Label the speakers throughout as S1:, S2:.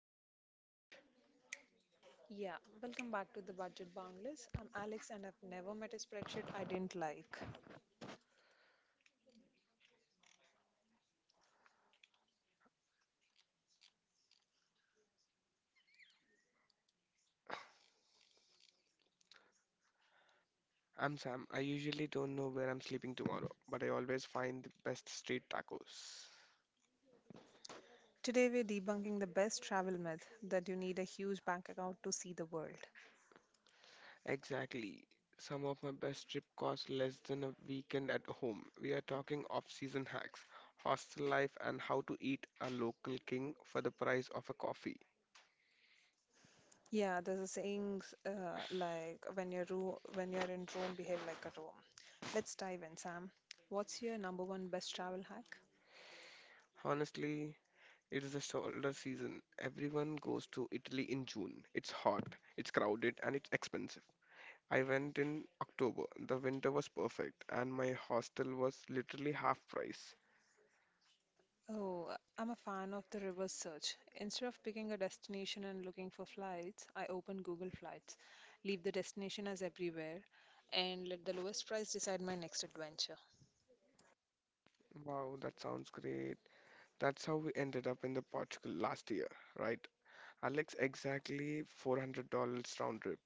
S1: let's jump into it.
S2: Yeah, welcome back to the Budget Boundless. I'm Alex, and I've never met a spreadsheet I didn't like.
S1: I'm Sam. I usually don't know where I'm sleeping tomorrow, but I always find the best street tacos.
S2: Today, we're debunking the best travel myth that you need a huge bank account to see the world.
S1: Exactly. Some of my best trip cost less than a weekend at home. We are talking off-season hacks, hostel life, and how to eat a local king for the price of a coffee.
S2: Yeah, there's a saying like when you're ro when you're in Rome, behave like a Rome. Let's dive in, Sam. What's your number one best travel hack?
S1: Honestly, it is the shoulder season. Everyone goes to Italy in June. It's hot, it's crowded, and it's expensive. I went in October. The winter was perfect, and my hostel was literally half price.
S2: Oh, I'm a fan of the reverse search. Instead of picking a destination and looking for flights, I open Google Flights, leave the destination as everywhere, and let the lowest price decide my next adventure.
S1: Wow, that sounds great. That's how we ended up in the Portugal last year, right? Alex, exactly $400 round trip.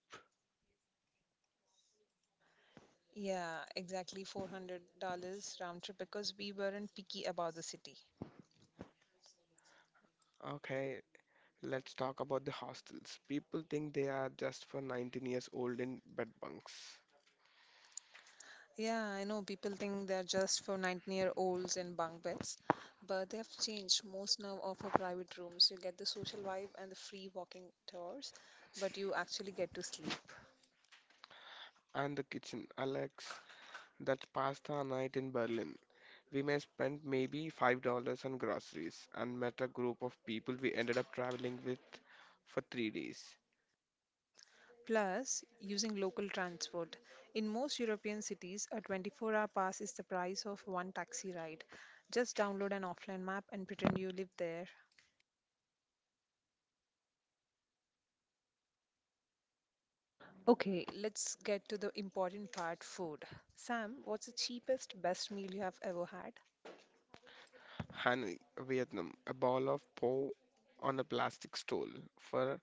S2: Yeah, exactly $400 round trip because we weren't picky about the city.
S1: Okay, let's talk about the hostels. People think they are just for 19 years old in bed bunks.
S2: Yeah, I know people think they're just for 19-year-olds in bunk beds, but they have changed. Most now offer private rooms. You get the social vibe and the free walking tours, but you actually get to sleep.
S1: And the kitchen, Alex, that's pasta night in Berlin. We may spend maybe $5 on groceries and met a group of people we ended up traveling with for 3 days.
S2: Plus, using local transport. In most European cities, a 24-hour pass is the price of one taxi ride. Just download an offline map and pretend you live there. Okay, let's get to the important part, food. Sam, what's the cheapest, best meal you have ever had?
S1: Hanoi, Vietnam, a ball of po on a plastic stole for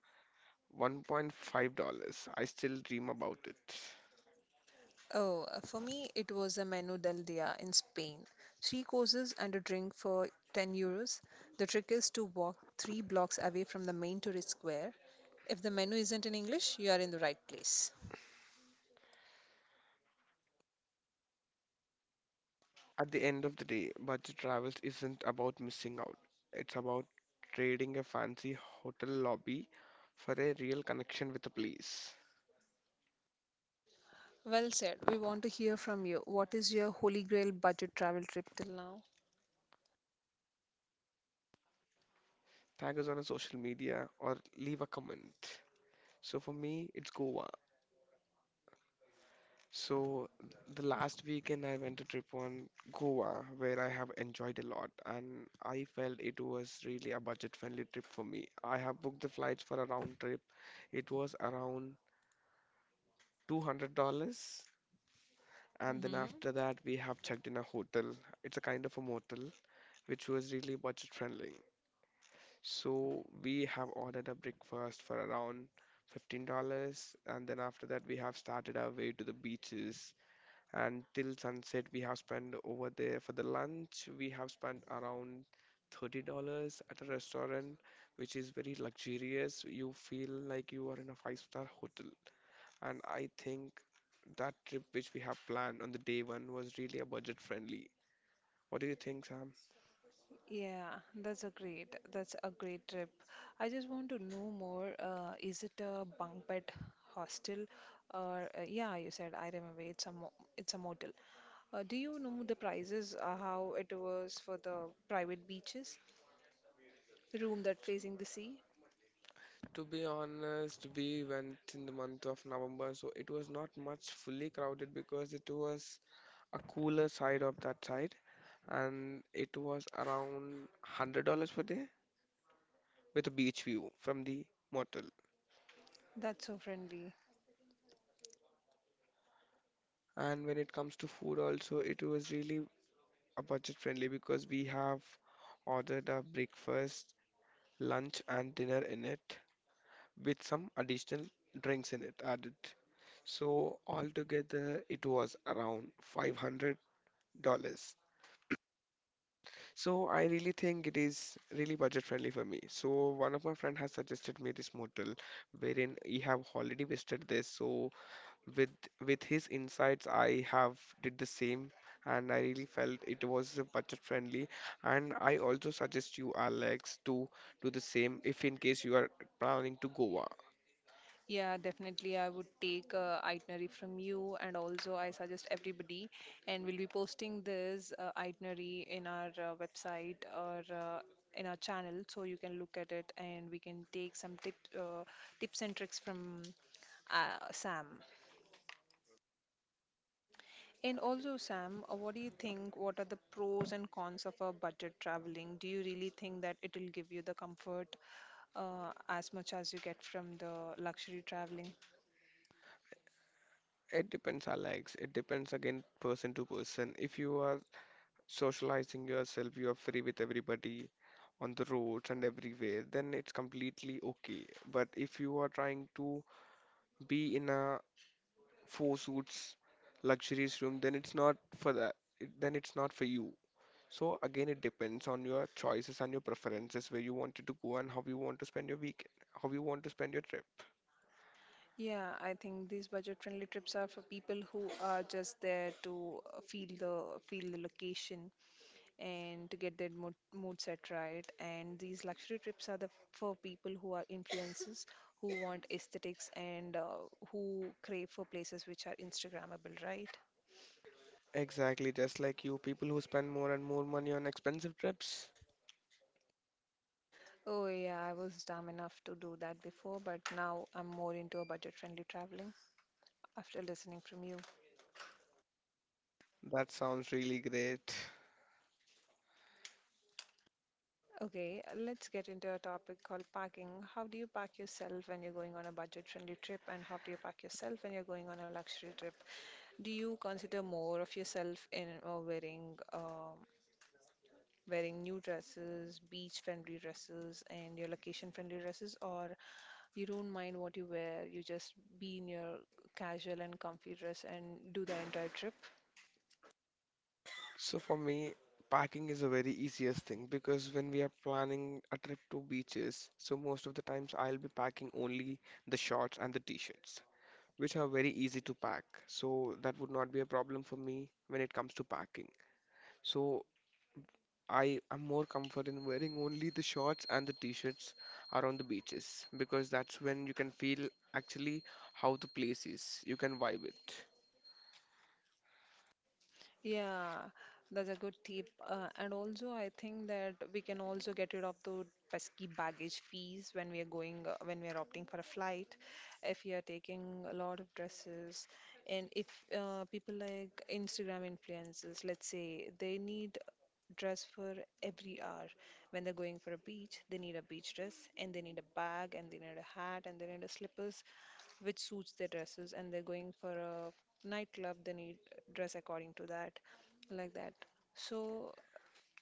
S1: $1.5. I still dream about it.
S2: Oh, for me, it was a menú del día in Spain. Three courses and a drink for €10. The trick is to walk three blocks away from the main tourist square. If the menu isn't in English, you are in the right place.
S1: At the end of the day, budget travel isn't about missing out. It's about trading a fancy hotel lobby for a real connection with a place.
S2: Well said. We want to hear from you. What is your holy grail budget travel trip till now?
S1: Tag us on a social media or leave a comment. So for me, it's Goa. So the last weekend I went a trip on Goa where I have enjoyed a lot and I felt it was really a budget-friendly trip for me. I have booked the flights for a round trip. It was around $200, and then after
S2: Mm-hmm.
S1: that we have checked in a hotel. It's a kind of a motel which was really budget-friendly. So we have ordered a breakfast for around $15, and then after that we have started our way to the beaches, and till sunset we have spent over there. For the lunch we have spent around $30 at a restaurant which is very luxurious, you feel like you are in a five-star hotel. And I think that trip which we have planned on the day one was really a budget friendly. What do you think, Sam?
S2: Yeah, that's a great trip. I just want to know more. Is it a bunk bed hostel or yeah, you said I remember it's a mo it's a motel. Do you know the prices, how it was for the private beaches? Room that facing the sea?
S1: To be honest, we went in the month of November, so it was not much fully crowded because it was a cooler side of that side, and it was around $100 per day, with a beach view from the motel.
S2: That's so friendly.
S1: And when it comes to food also, it was really a budget friendly because we have ordered a breakfast, lunch and dinner in it with some additional drinks in it added. So altogether it was around $500. So I really think it is really budget friendly for me. So one of my friend has suggested me this motel wherein he have already visited this. So with with his insights I have did the same, and I really felt it was budget friendly. And I also suggest you, Alex, to do the same if in case you are planning to Goa.
S2: Yeah, definitely. I would take a itinerary from you, and also I suggest everybody. And we'll be posting this itinerary in our website or in our channel, so you can look at it, and we can take some tips and tricks from Sam. And also, Sam, what do you think? What are the pros and cons of a budget traveling? Do you really think that it will give you the comfort as much as you get from the luxury traveling?
S1: It depends, Alex, it depends again person to person. If you are socializing yourself, you are free with everybody on the roads and everywhere, then it's completely okay. But if you are trying to be in a four suits, luxurious room, then it's not for that. It, then it's not for you. So again, it depends on your choices and your preferences, where you wanted to go and how you want to spend your week, how you want to spend your trip.
S2: Yeah, I think these budget-friendly trips are for people who are just there to feel the location and to get their mood set right. And these luxury trips are the for people who are influencers, who want aesthetics and who crave for places which are Instagrammable, right?
S1: Exactly, just like you, people who spend more and more money on expensive trips.
S2: Oh, yeah, I was dumb enough to do that before, but now I'm more into a budget-friendly traveling after listening from you.
S1: That sounds really great.
S2: Okay, let's get into a topic called packing. How do you pack yourself when you're going on a budget-friendly trip, and how do you pack yourself when you're going on a luxury trip? Do you consider more of yourself in wearing wearing new dresses, beach friendly dresses, and your location friendly dresses, or you don't mind what you wear, you just be in your casual and comfy dress and do the entire trip?
S1: So for me, packing is a very easiest thing, because when we are planning a trip to beaches, so most of the times I'll be packing only the shorts and the t-shirts, which are very easy to pack. So that would not be a problem for me when it comes to packing. So I am more comfort in wearing only the shorts and the t-shirts around the beaches, because that's when you can feel actually how the place is. You can vibe it.
S2: Yeah, that's a good tip. And also, I think that we can also get rid of the pesky baggage fees when we are going, when we are opting for a flight. If you are taking a lot of dresses, and if people like Instagram influencers, let's say, they need dress for every hour. When they're going for a beach, they need a beach dress, and they need a bag, and they need a hat, and they need a slippers which suits their dresses and they're going for a nightclub they need dress according to that like that so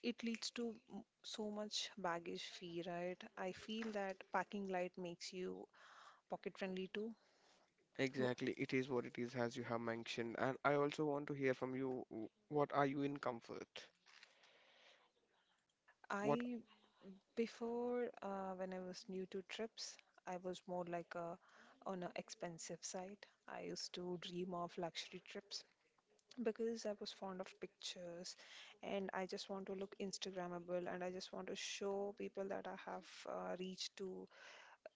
S2: it leads to so much baggage fee, right? I feel that packing light makes you pocket friendly too. W-
S1: Exactly, it is what it is, as you have mentioned. And I also want to hear from you, what are you in comfort? What,
S2: I Before when I was new to trips, I was more like a on a expensive side. I used to dream of luxury trips because I was fond of pictures and I just want to look Instagrammable and I just want to show people that I have reached to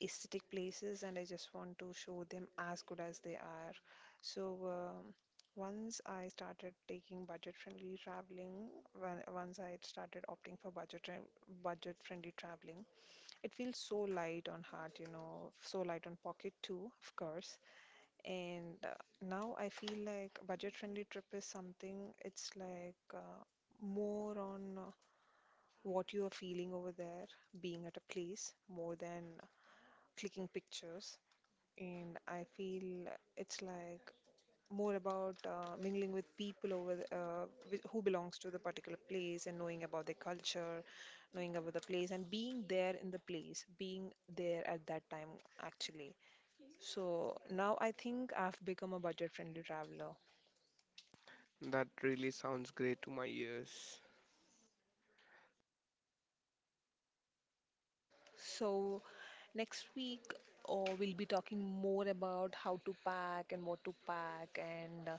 S2: aesthetic places and I just want to show them as good as they are. So once I started taking budget-friendly traveling, once I started opting for budget-friendly traveling, it feels so light on heart, you know, so light on pocket too, of course. And now I feel like budget-friendly trip is something, it's like more on what you are feeling over there, being at a place, more than clicking pictures. And I feel it's like more about mingling with people over the, who belongs to the particular place and knowing about their culture, knowing about the place, and being there in the place, being there at that time actually. So now I think I've become a budget-friendly traveler.
S1: that really sounds great to my ears.
S2: So, next week, we'll be talking more about how to pack and what to pack and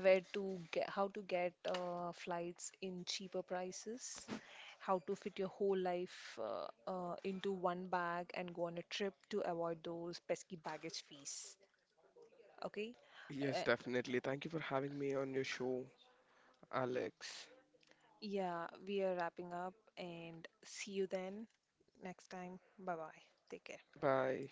S2: where to get how to get flights in cheaper prices, how to fit your whole life into one bag and go on a trip to avoid those pesky baggage fees. Okay?
S1: Yes,
S2: Uh,
S1: definitely. Thank you for having me on your show, Alex.
S2: yeah, we are wrapping up and see you then next time. Bye bye. Take care.
S1: Bye.